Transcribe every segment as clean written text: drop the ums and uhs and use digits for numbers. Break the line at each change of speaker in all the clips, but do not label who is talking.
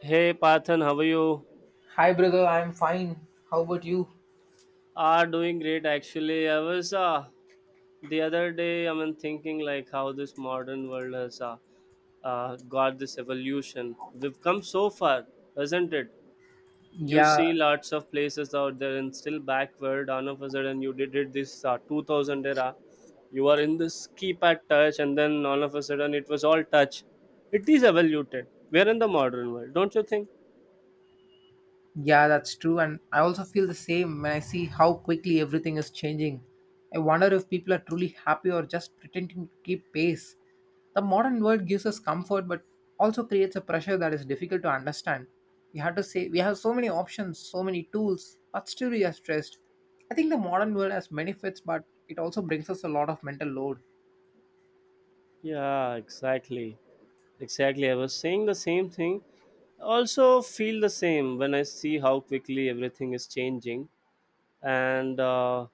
Hey Parthan, how are you?
Hi, brother. I'm fine. How about you?
Are doing great actually. I was the other day. I mean, thinking like how this modern world has got this evolution. We've come so far, hasn't it? You
Yeah,
see lots of places out there and still backward. All of a sudden, you did it this 2000 era. You are in this keypad touch, and then all of a sudden, it was all touch. It is evoluted. We're in the modern world, don't you think?
yeah, that's true. And I also feel the same when I see how quickly everything is changing. I wonder if people are truly happy or just pretending to keep pace. The modern world gives us comfort but also creates a pressure that is difficult to understand. We have to say we have so many options, so many tools, but still we are stressed. I think the modern world has benefits, but it also brings us a lot of mental load.
Yeah, exactly. Exactly, I was saying the same thing. Also, feel the same when I see how quickly everything is changing, and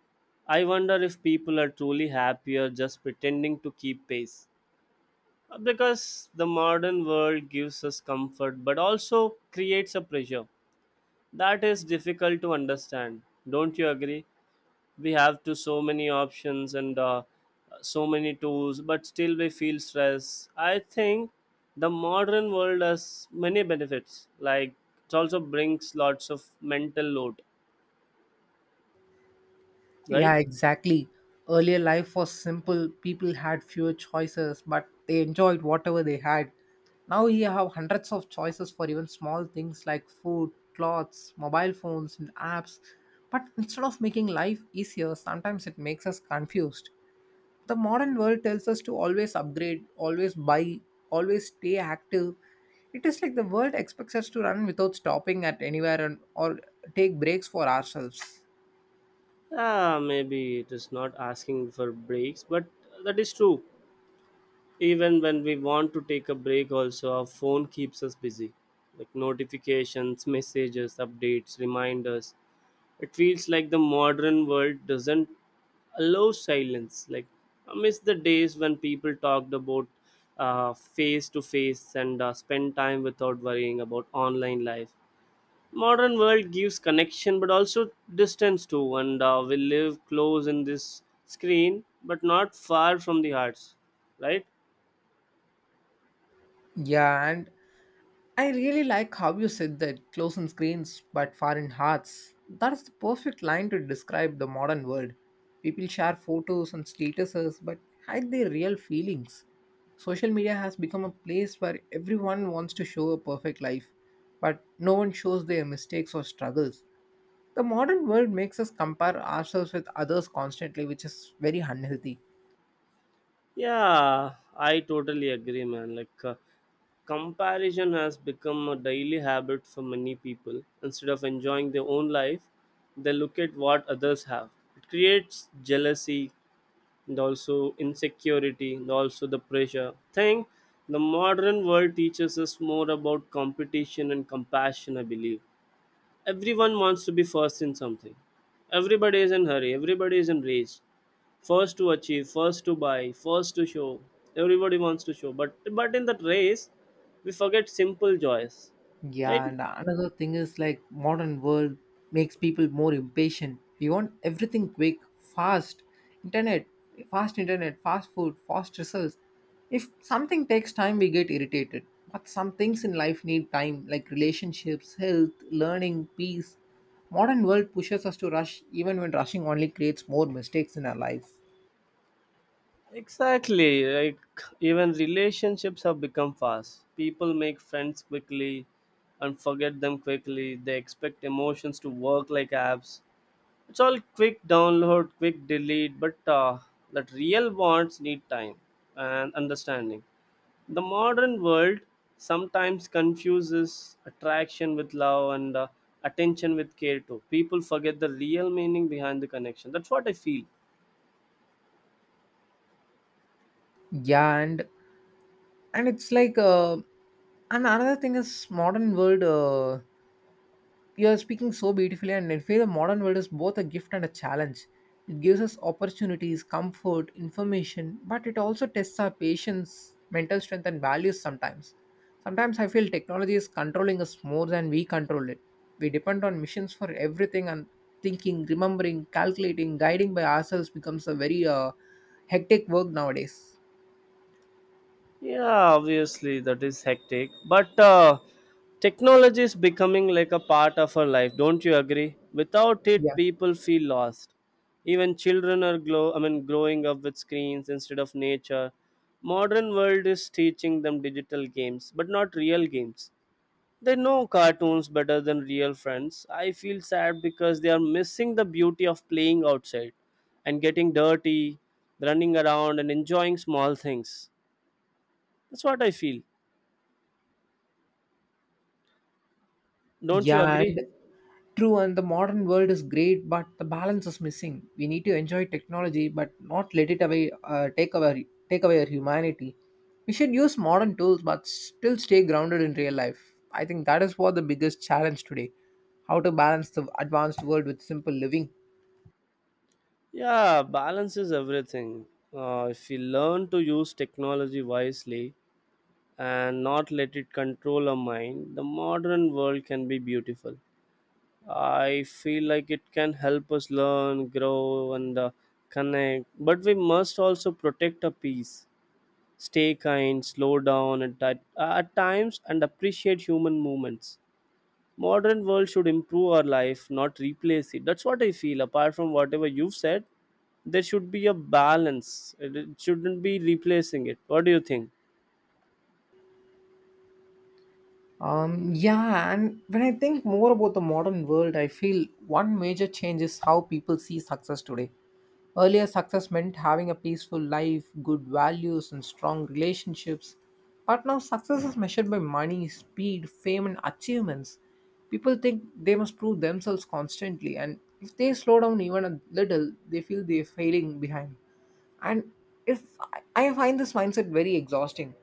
I wonder if people are truly happier, just pretending to keep pace. Because the modern world gives us comfort but also creates a pressure that is difficult to understand. Don't you agree? We have to so many options and so many tools, but still we feel stress. I think the modern world has many benefits, like it also brings lots of mental load, right?
Yeah, exactly. Earlier life was simple. People had fewer choices, but they enjoyed whatever they had. Now you have hundreds of choices for even small things like food, clothes, mobile phones, and apps. But instead of making life easier, sometimes it makes us confused. The modern world tells us to always upgrade, always buy, always stay active. It is like the world expects us to run without stopping at anywhere and, or take breaks for ourselves.
Maybe it is not asking for breaks, but that is true. Even when we want to take a break also, our phone keeps us busy, like notifications, messages, updates, reminders. It feels like the modern world doesn't allow silence. Like, I miss the days when people talked about face to face and spend time without worrying about online life. Modern world gives connection but also distance too, and we live close in this screen but not far from the hearts, right?
Yeah, and I really like how you said that close in screens but far in hearts. That's the perfect line to describe the modern world. People share photos and statuses but hide their real feelings. Social media has become a place where everyone wants to show a perfect life, but no one shows their mistakes or struggles. The modern world makes us compare ourselves with others constantly, which is very unhealthy.
Yeah, I totally agree, man. Like, comparison has become a daily habit for many people. Instead of enjoying their own life, they look at what others have. It creates jealousy and also insecurity and also the pressure. Thing, the modern world teaches us more about competition and compassion, I believe. Everyone wants to be first in something. Everybody is in hurry, everybody is in race, first to achieve, first to buy, first to show. Everybody wants to show, but in that race we forget simple joys, right?
Yeah, and another thing is like modern world makes people more impatient. We want everything quick, fast, internet, fast internet, fast food, fast results. If something takes time, we get irritated. But some things in life need time, like relationships, health, learning, peace. Modern world pushes us to rush, even when rushing only creates more mistakes in our life.
Exactly, like, even relationships have become fast. People make friends quickly and forget them quickly. They expect emotions to work like apps. It's all quick download, quick delete, but that real bonds need time and understanding. The modern world sometimes confuses attraction with love and attention with care too. People forget the real meaning behind the connection. That's what I feel.
Yeah, and it's like and another thing is modern world. You're speaking so beautifully, and I feel the modern world is both a gift and a challenge. It gives us opportunities, comfort, information, but it also tests our patience, mental strength, and values sometimes. Sometimes I feel technology is controlling us more than we control it. We depend on machines for everything, and thinking, remembering, calculating, guiding by ourselves becomes a very hectic work nowadays.
Yeah, obviously that is hectic, but technology is becoming like a part of our life. Don't you agree? Without
Yeah.
it, people feel lost. Even children are glow. I mean, growing up with screens instead of nature. Modern world is teaching them digital games, but not real games. They know cartoons better than real friends. I feel sad because they are missing the beauty of playing outside and getting dirty, running around, and enjoying small things. That's what I feel. Don't you
Yeah, and
agree?
true, and the modern world is great, but the balance is missing. We need to enjoy technology, but not let it away take away our humanity. We should use modern tools, but still stay grounded in real life. I think that is what the biggest challenge today: how to balance the advanced world with simple living.
Yeah, balance is everything. If we learn to use technology wisely and not let it control our mind, the modern world can be beautiful. I feel like it can help us learn, grow, and connect. But we must also protect our peace, stay kind, slow down at times, and appreciate human movements. Modern world should improve our life, not replace it. That's what I feel. Apart from whatever you've said, there should be a balance. It shouldn't be replacing it. What do you think?
Yeah, and when I think more about the modern world, I feel one major change is how people see success today. Earlier success meant having a peaceful life, good values, and strong relationships. But now success is measured by money, speed, fame, and achievements. People think they must prove themselves constantly, and if they slow down even a little, they feel they're failing behind. And if I find this mindset very exhausting.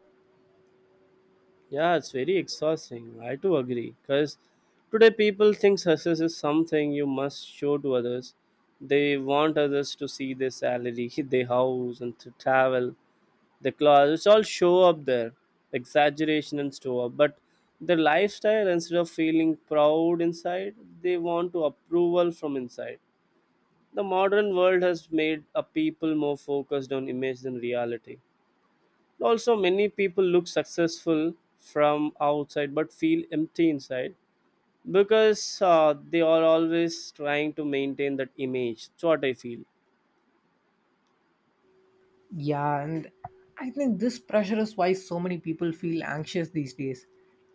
Yeah, it's very exhausting. I too agree. Because today people think success is something you must show to others. They want others to see their salary, their house, and to travel, the clothes. It's all show up there, exaggeration and show up. But their lifestyle, instead of feeling proud inside, they want to approval from inside. The modern world has made a people more focused on image than reality. Also, many people look successful from outside but feel empty inside, because they are always trying to maintain that image. That's what I feel.
Yeah, and I think this pressure is why so many people feel anxious these days.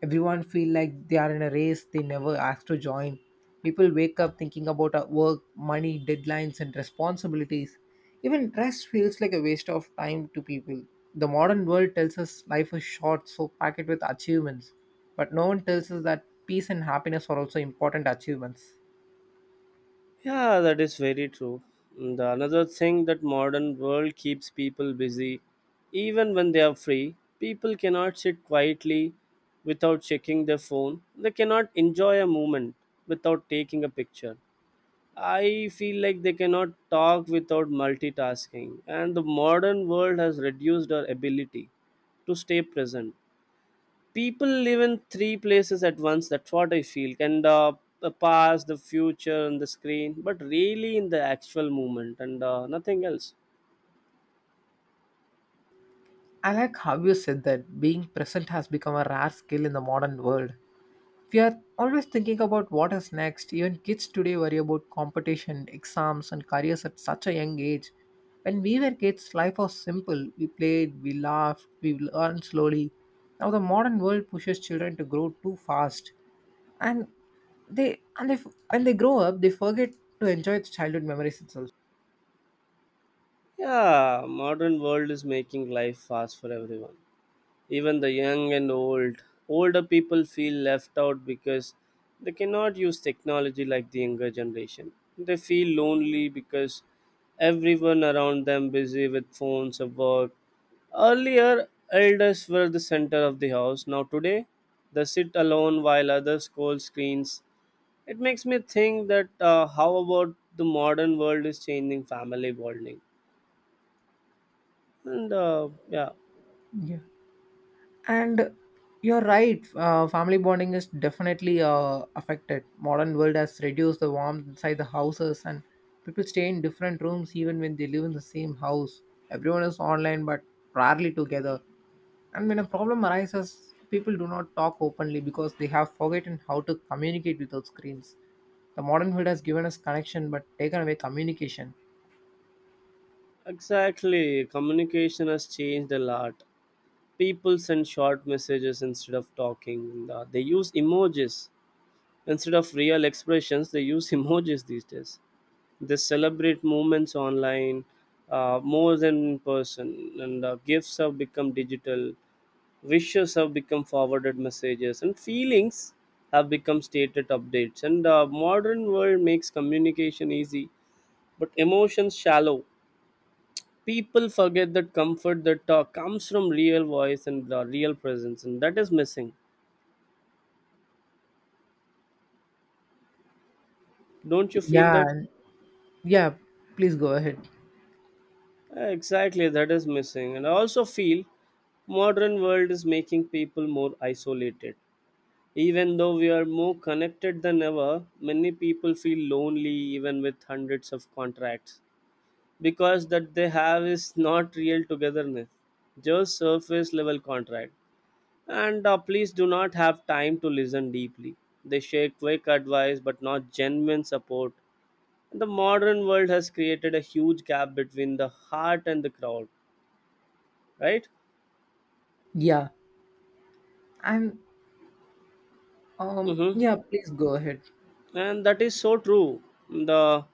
Everyone feel like they are in a race they never asked to join. People wake up thinking about work, money, deadlines, and responsibilities. Even rest feels like a waste of time to people. The modern world tells us life is short, so pack it with achievements. But no one tells us that peace and happiness are also important achievements.
Yeah, that is very true. And the another thing that modern world keeps people busy even when they are free. People cannot sit quietly without checking their phone. They cannot enjoy a moment without taking a picture. I feel like they cannot talk without multitasking, and the modern world has reduced our ability to stay present. People live in three places at once, that's what I feel. And the past, the future, and the screen, but really in the actual moment and nothing else.
I like how you said that being present has become a rare skill in the modern world. We are always thinking about what is next. Even kids today worry about competition, exams, and careers at such a young age. When we were kids, life was simple. We played, we laughed, we learned slowly. Now the modern world pushes children to grow too fast, and they when they grow up, they forget to enjoy the childhood memories itself.
Yeah, modern world is making life fast for everyone, even the young and old. Older people feel left out because they cannot use technology like the younger generation. They feel lonely because everyone around them busy with phones or work. Earlier, elders were the center of the house. Now today they sit alone while others scroll screens. It makes me think that how about the modern world is changing family bonding, and yeah.
Yeah. And you're right, family bonding is definitely affected. Modern world has reduced the warmth inside the houses, and people stay in different rooms even when they live in the same house. Everyone is online but rarely together, and when a problem arises people do not talk openly because they have forgotten how to communicate without screens. The modern world has given us connection but taken away communication.
Exactly, communication has changed a lot. People send short messages instead of talking. They use emojis instead of real expressions. They use emojis these days. They celebrate moments online, more than in person, and gifts have become digital. Wishes have become forwarded messages, and feelings have become stated updates, and modern world makes communication easy but emotions shallow. People forget that comfort that talk comes from real voice and the real presence, and that is missing. Don't you feel
yeah
that?
and- yeah please go ahead.
Exactly, that is missing. And I also feel modern world is making people more isolated. Even though we are more connected than ever, many people feel lonely even with hundreds of contracts, because that they have is not real togetherness, just surface level contract. And please do not have time to listen deeply. They share quick advice but not genuine support. The modern world has created a huge gap between the heart and the crowd, right?
yeah and um
Mm-hmm.
yeah please go ahead.
And that is so true. The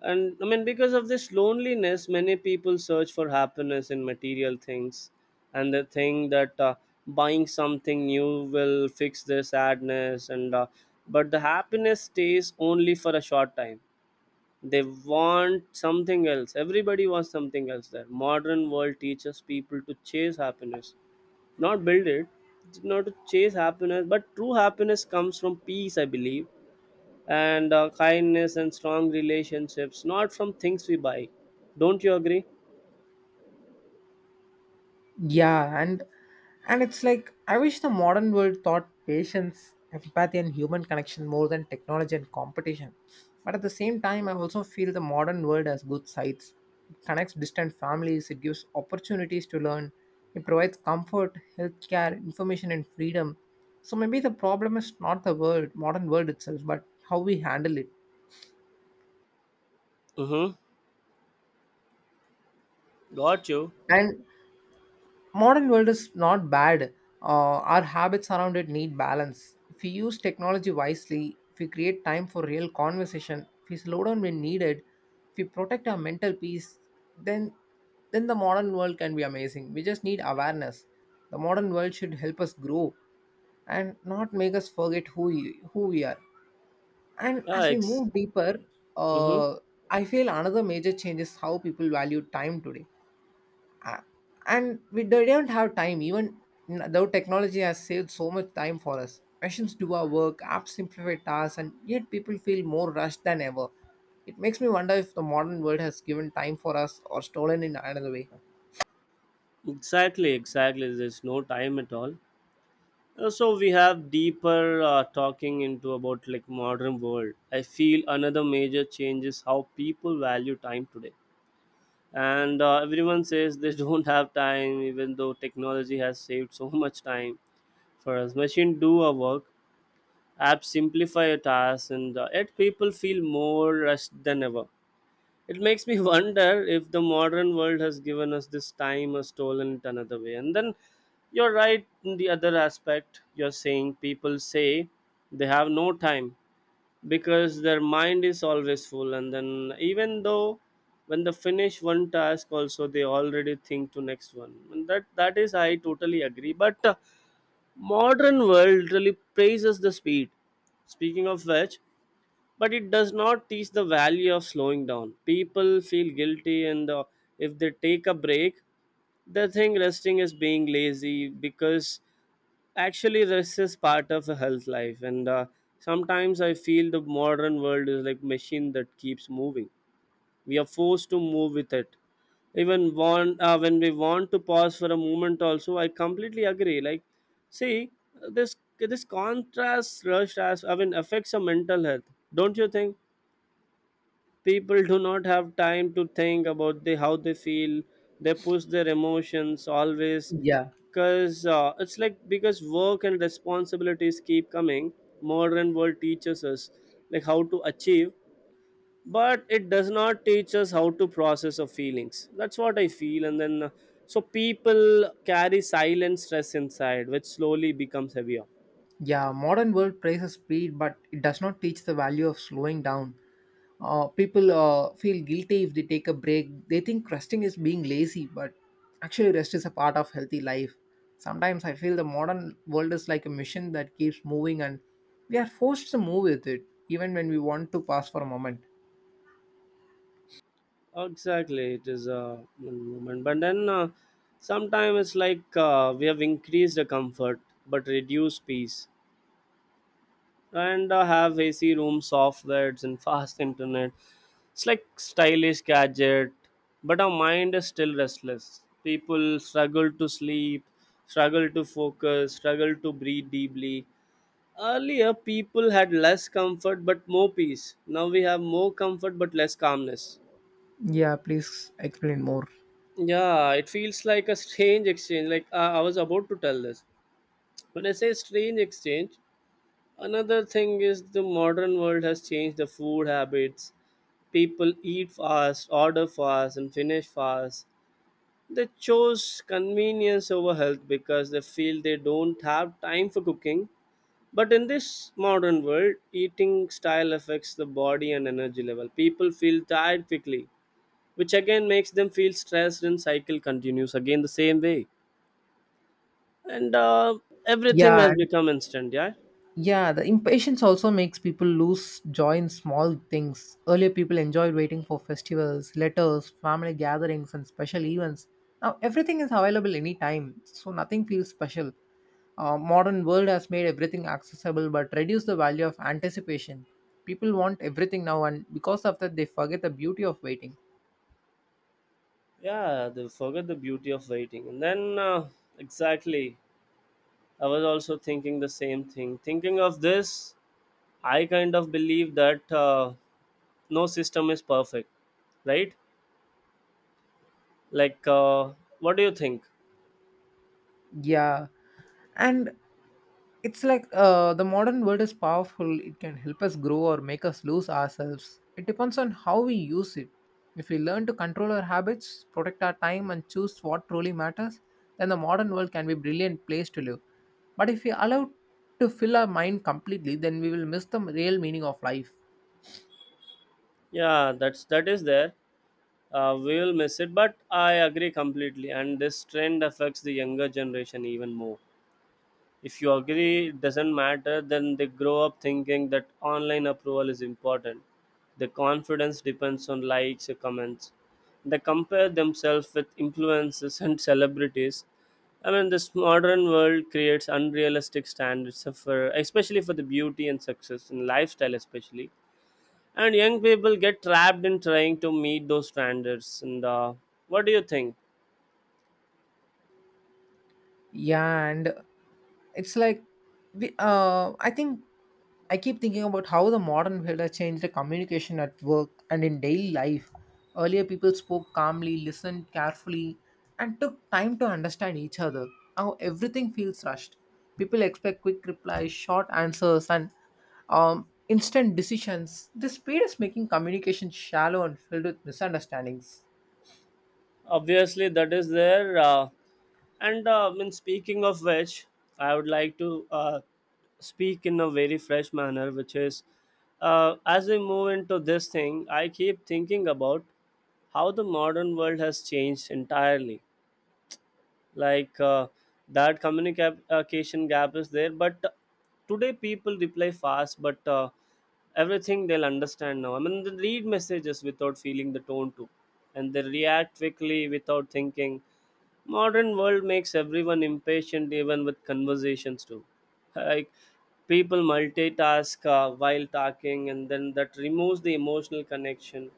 And I mean, because of this loneliness, many people search for happiness in material things, and they think that buying something new will fix their sadness. And but the happiness stays only for a short time. They want something else. Everybody wants something else. There modern world teaches people to chase happiness, not build it. Not to chase happiness, but true happiness comes from peace, I believe, and kindness and strong relationships, not from things we buy. Don't you agree?
Yeah, and it's like I wish the modern world taught patience, empathy, and human connection more than technology and competition. But at the same time, I also feel the modern world has good sides. It connects distant families, it gives opportunities to learn, it provides comfort, healthcare, information, and freedom. So maybe the problem is not the world, modern world itself, but how we handle it.
Mm-hmm. Got you.
And modern world is not bad. Our habits around it need balance. If we use technology wisely, if we create time for real conversation, if we slow down when needed, if we protect our mental peace, then then the modern world can be amazing. We just need awareness. The modern world should help us grow and not make us forget who we are. And
Yeah,
as we move deeper,
mm-hmm.
uh, I feel another major change is how people value time today, a- and we they don't have time even though technology has saved so much time for us. Machines do our work, apps simplify tasks, and yet people feel more rushed than ever. It makes me wonder if the modern world has given time for us or stolen in another way.
Exactly, exactly, there's no time at all. So we have deeper talking into about like modern world. I feel another major change is how people value time today, and everyone says they don't have time, even though technology has saved so much time for us. Machine do our work, apps simplify a task, and yet people feel more rushed than ever. It makes me wonder if the modern world has given us this time or stolen it another way. And then you're right in the other aspect. You're saying people say they have no time because their mind is always full. And then even though when they finish one task, also they already think to next one. And that is I totally agree. But modern world really praises the speed. Speaking of which, but it does not teach the value of slowing down. People feel guilty, and if they take a break, they think resting is being lazy, because actually rest is part of a health life, and sometimes I feel the modern world is like machine that keeps moving. We are forced to move with it, even want when we want to pause for a moment also. I completely agree. Like, see, this contrast rush, as I mean, affects our mental health. Don't you think? People do not have time to think about the how they feel. They push their emotions always,
Yeah.
because it's like because work and responsibilities keep coming. Modern world teaches us like how to achieve, but it does not teach us how to process our feelings. That's what I feel. And then so people carry silent stress inside which slowly becomes heavier.
Yeah, modern world praises speed but it does not teach the value of slowing down. People feel guilty if they take a break. They think resting is being lazy, but actually, rest is a part of healthy life. Sometimes I feel the modern world is like a machine that keeps moving, and we are forced to move with it, even when we want to pause for a moment.
Exactly, it is a movement, but then sometimes it's like we have increased the comfort but reduced peace, and have ac rooms, soft beds and fast internet. It's like stylish gadget, but our mind is still restless. People struggle to sleep, struggle to focus, struggle to breathe deeply. Earlier, people had less comfort but more peace. Now we have more comfort but less calmness.
Yeah, please explain more.
Yeah, it feels like a strange exchange. Like, I was about to tell this. When I say strange exchange, another thing is the modern world has changed the food habits. People eat fast, order fast, and finish fast. They chose convenience over health because they feel they don't have time for cooking. But in this modern world, eating style affects the body and energy level. People feel tired quickly, which again makes them feel stressed and cycle continues again the same way. And everything
Yeah,
has become instant, yeah?
Yeah, the impatience also makes people lose joy in small things. Earlier, people enjoyed waiting for festivals, letters, family gatherings, and special events. Now, everything is available anytime, so nothing feels special. Modern world has made everything accessible but reduced the value of anticipation. People want everything now, and because of that, they forget the beauty of waiting.
Yeah, they forget the beauty of waiting. Exactly, I was also thinking the same thing. Thinking of this, I kind of believe that. No system is perfect, right? like uh, what do you think?
Yeah, and it's like the modern world is powerful. It can help us grow or make us lose ourselves. It depends on how we use it. If we learn to control our habits, protect our time, and choose what truly matters, then the modern world can be a brilliant place to live. But if we allow to fill our mind completely, then we will miss the real meaning of life.
Yeah, that is there. We will miss it, but I agree completely. And this trend affects the younger generation even more. If you agree, it doesn't matter, then they grow up thinking that online approval is important. Their confidence depends on likes or comments. They compare themselves with influencers and celebrities. I mean, this modern world creates unrealistic standards for, especially for the beauty and success and lifestyle, especially. And young people get trapped in trying to meet those standards. And what do you think?
Yeah, and it's like we, I think I keep thinking about how the modern world has changed the communication at work and in daily life. Earlier, people spoke calmly, listened carefully, and took time to understand each other. Now everything feels rushed. People expect quick replies, short answers, and instant decisions. This speed is making communication shallow and filled with misunderstandings.
Obviously that is there. And I mean, speaking of which, I would like to speak in a very fresh manner, which is, as we move into this thing, I keep thinking about how the modern world has changed entirely. like uh, that communication gap is there, but today people reply fast, but everything they'll understand now. I mean, they read messages without feeling the tone too, and they react quickly without thinking. Modern world makes everyone impatient even with conversations too. Like, people multitask while talking, and then that removes the emotional connection.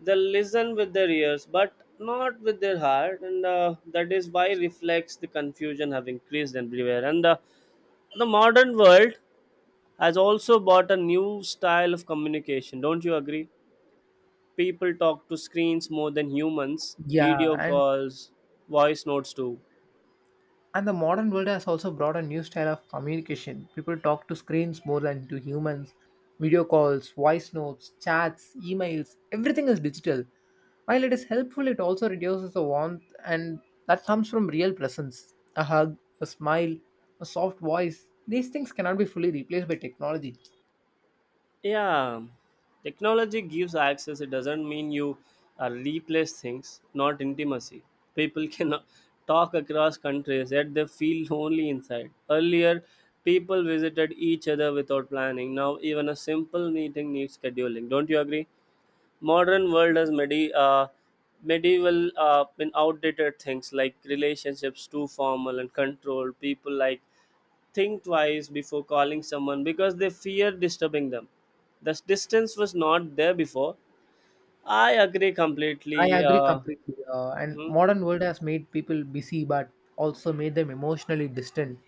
They listen with their ears but not with their heart, and that is why reflects the confusion have increased everywhere. And the modern world has also bought a new style of communication, don't you agree? People talk to screens more than humans.
Yeah,
Video
and
calls, voice notes too.
And the modern world has also brought a new style of communication. People talk to screens more than to humans. Video calls, voice notes, chats, emails, everything is digital. While it is helpful, it also reduces the warmth, and that comes from real presence. A hug, a smile, a soft voice. These things cannot be fully replaced by technology.
Yeah, technology gives access. It doesn't mean you replace things, not intimacy. People cannot talk across countries, yet they feel lonely inside. Earlier, people visited each other without planning. Now, even a simple meeting needs scheduling. Don't you agree? Modern world has medieval been outdated things like relationships too formal and controlled. People like think twice before calling someone because they fear disturbing them. The distance was not there before. I agree
I
completely.
agree completely. And
Mhm.
modern world has made people busy, but also made them emotionally distant.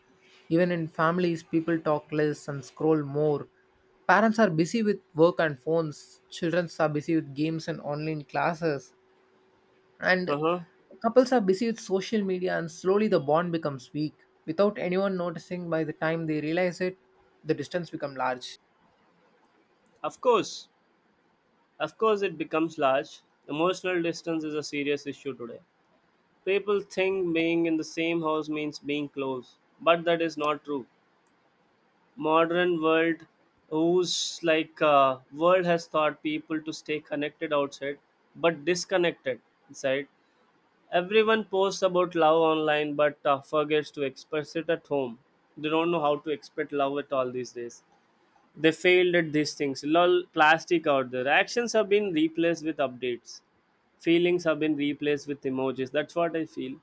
Even in families, people talk less and scroll more. Parents are busy with work and phones. Children are busy with games and online classes. And
Uh-huh.
couples are busy with social media, and slowly the bond becomes weak. Without anyone noticing, by the time they realize it, the distance becomes large.
Of course, of course, it becomes large. Emotional distance is a serious issue today. People think being in the same house means being close, but that is not true. Modern world, whose, world has taught people to stay connected outside, but disconnected inside. Everyone posts about love online, but forgets to express it at home. They don't know how to express love at all these days. They failed at these things. Lol, plastic out there. Actions have been replaced with updates. Feelings have been replaced with emojis. That's what I feel.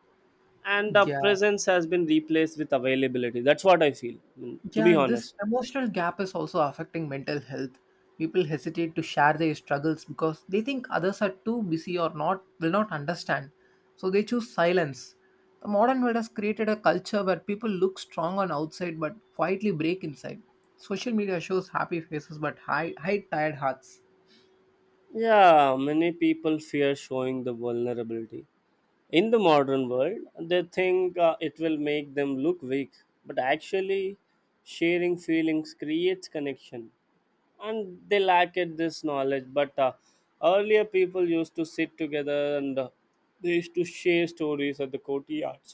And
Yeah,
presence has been replaced with availability. That's what I feel, to
yeah,
be
and this
honest.
emotional gap is also affecting mental health. People hesitate to share their struggles because they think others are too busy or not will not understand. So they choose silence. The modern world has created a culture where people look strong on outside but quietly break inside. Social media shows happy faces but high tired hearts.
Yeah, many people fear showing the vulnerability in the modern world. They think it will make them look weak, but actually sharing feelings creates connection, and they lack it this knowledge. But earlier people used to sit together, and they used to share stories at the courtyards,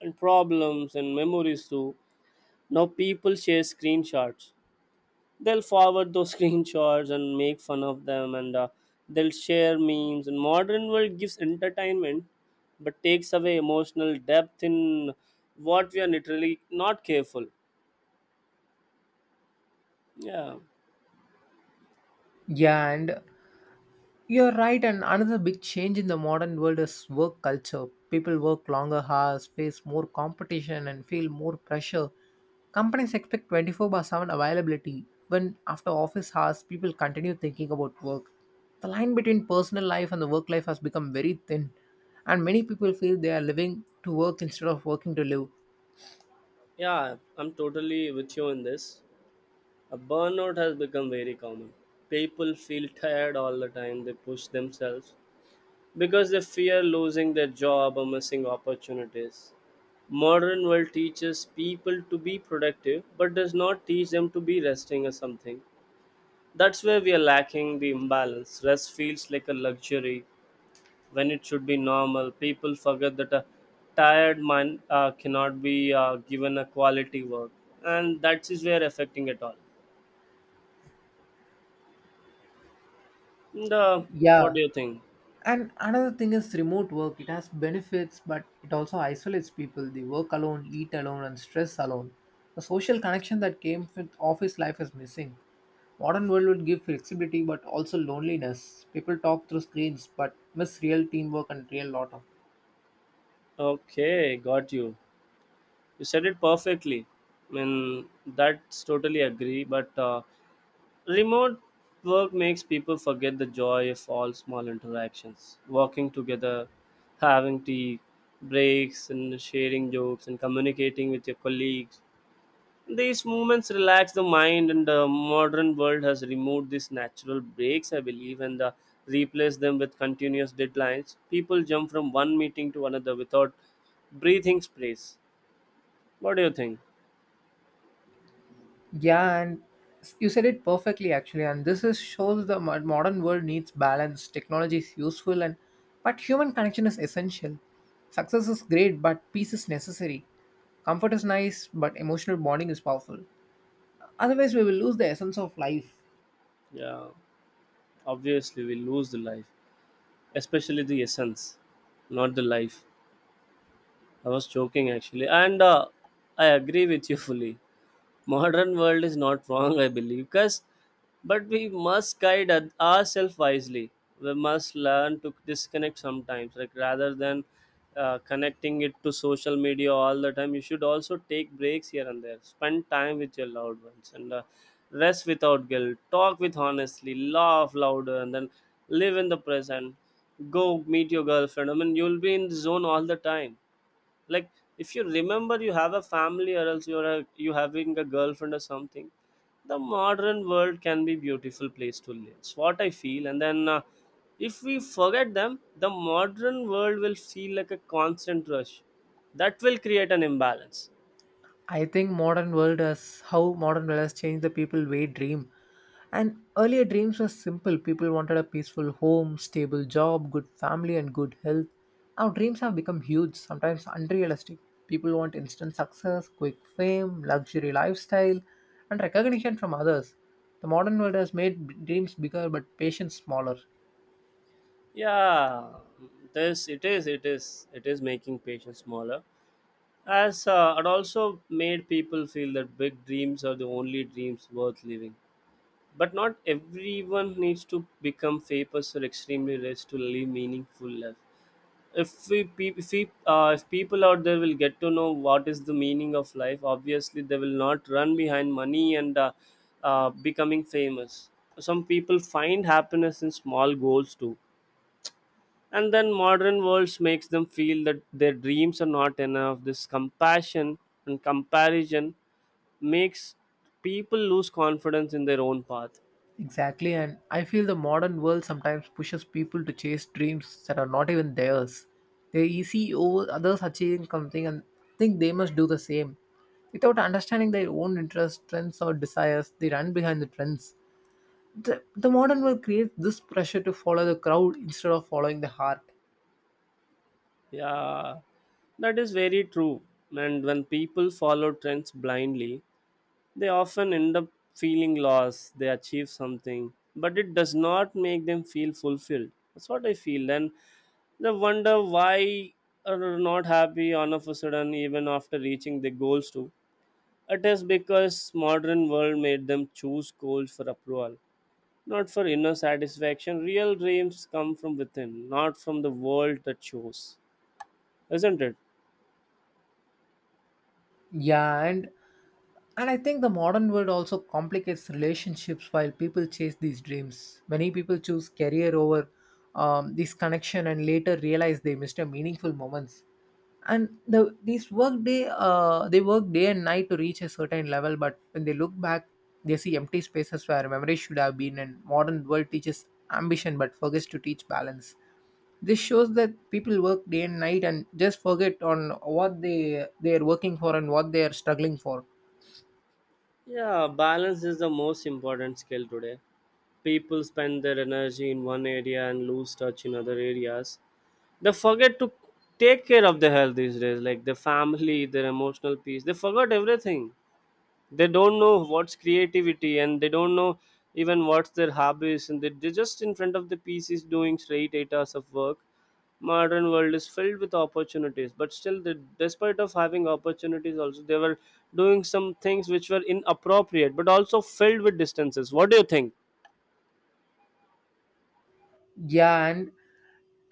and problems and memories too. Now people share screenshots. They'll forward those screenshots and make fun of them, and they'll share memes. And modern world gives entertainment but takes away emotional depth in what we are literally not careful. Yeah.
Yeah, and you're right, and another big change in the modern world is work culture. People work longer hours, face more competition, and feel more pressure. Companies expect 24/7 availability. Even after office hours, people continue thinking about work. The line between personal life and the work life has become very thin, and many people feel they are living to work instead of working to live.
Yeah, I'm totally with you in this. A burnout has become very common. People feel tired all the time. They push themselves because they fear losing their job or missing opportunities. Modern world teaches people to be productive but does not teach them to be resting or something. That's where we are lacking the imbalance. Rest feels like a luxury when it should be normal. People forget that a tired mind cannot be given a quality work, and that is where affecting it all. And, uh, what
Yeah,
do you think?
and another thing is remote work. It has benefits, but it also isolates people. They work alone, eat alone, and stress alone. The social connection that came with office life is missing. Modern world would give flexibility, but also loneliness. People talk through screens, but miss real teamwork and real laughter.
Okay, got you. You said it perfectly. I mean, that's totally agree. But remote work makes people forget the joy of all small interactions, working together, having tea, breaks, and sharing jokes, and communicating with your colleagues. These movements relax the mind, and the modern world has removed these natural breaks, I believe, and replaced them with continuous deadlines. People jump from one meeting to another without breathing space. What do you think?
Yeah, and you said it perfectly actually. And this is shows the modern world needs balance. Technology is useful, and but human connection is essential. Success is great, but peace is necessary. Comfort is nice, but emotional bonding is powerful. Otherwise, we will lose the essence of life.
Yeah. Obviously we lose the life, especially the essence, not the life. I was joking actually. And I agree with you fully. Modern world is not wrong, I believe, because, but we must guide ourselves wisely. We must learn to disconnect sometimes, like rather than connecting it to social media all the time. You should also take breaks here and there, spend time with your loved ones, and rest without guilt, talk with honestly, laugh louder, and then live in the present. Go meet your girlfriend. I mean, you'll be in the zone all the time, like, if you remember you have a family, or else you're a, you having a girlfriend or something. The modern world can be beautiful place to live, it's what I feel. And then if we forget them, the modern world will feel like a constant rush that will create an imbalance.
I think modern world has how modern world has changed the people way dream. And earlier dreams were simple. People wanted a peaceful home, stable job, good family, and good health. Now dreams have become huge, sometimes unrealistic. People want instant success, quick fame, luxury lifestyle, and recognition from others. The modern world has made dreams bigger but patience smaller.
Yeah, this, it is making patients smaller. As it also made people feel that big dreams are the only dreams worth living. But not everyone needs to become famous or extremely rich to live meaningful life. If we, pe- if, we if people out there will get to know what is the meaning of life, obviously they will not run behind money and becoming famous. Some people find happiness in small goals too, and then modern worlds makes them feel that their dreams are not enough. This compassion and comparison makes people lose confidence in their own path.
Exactly, and I feel the modern world sometimes pushes people to chase dreams that are not even theirs. They see over others achieving something and think they must do the same. Without understanding their own interests, strengths, or desires, they run behind the trends. The modern world creates this pressure to follow the crowd instead of following the heart.
Yeah, that is very true. And when people follow trends blindly, they often end up feeling lost. They achieve something, but it does not make them feel fulfilled. That's what I feel. And they wonder why are not happy all of a sudden, even after reaching their goals too. It is because modern world made them choose goals for approval, not for inner satisfaction. Real dreams come from within, not from the world that shows, isn't it?
Yeah, and I think the modern world also complicates relationships while people chase these dreams. Many people choose career over this connection and later realize they missed a meaningful moments, and the these work day they work day and night to reach a certain level, but when they look back they see empty spaces where memory should have been. And modern world teaches ambition but forgets to teach balance. This shows that people work day and night and just forget on what they are working for and what they are struggling for.
Yeah, balance is the most important skill today. People spend their energy in one area and lose touch in other areas. They forget to take care of their health these days, like their family, their emotional peace. They forgot everything. They don't know what's creativity, and they don't know even what's their hobbies, and they're just in front of the PCs doing straight 8 hours of work. Modern world is filled with opportunities, but still they, despite of having opportunities also, they were doing some things which were inappropriate but also filled with distances. What do you think?
Yeah, and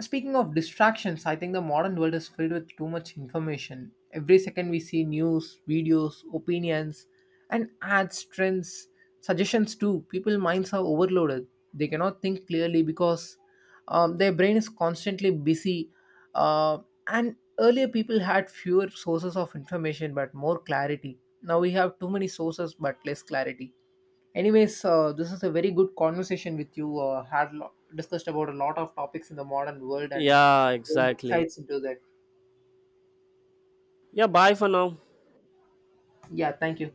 speaking of distractions, I think the modern world is filled with too much information. Every second we see news, videos, opinions, and ads, trends, suggestions too. People's minds are overloaded. They cannot think clearly because their brain is constantly busy. Uh, and earlier, people had fewer sources of information but more clarity. Now we have too many sources but less clarity. Anyways, this is a very good conversation with you. Discussed about a lot of topics in the modern world and
Yeah,
gained
exactly.
insights into that.
Yeah, bye for now.
Yeah, thank you.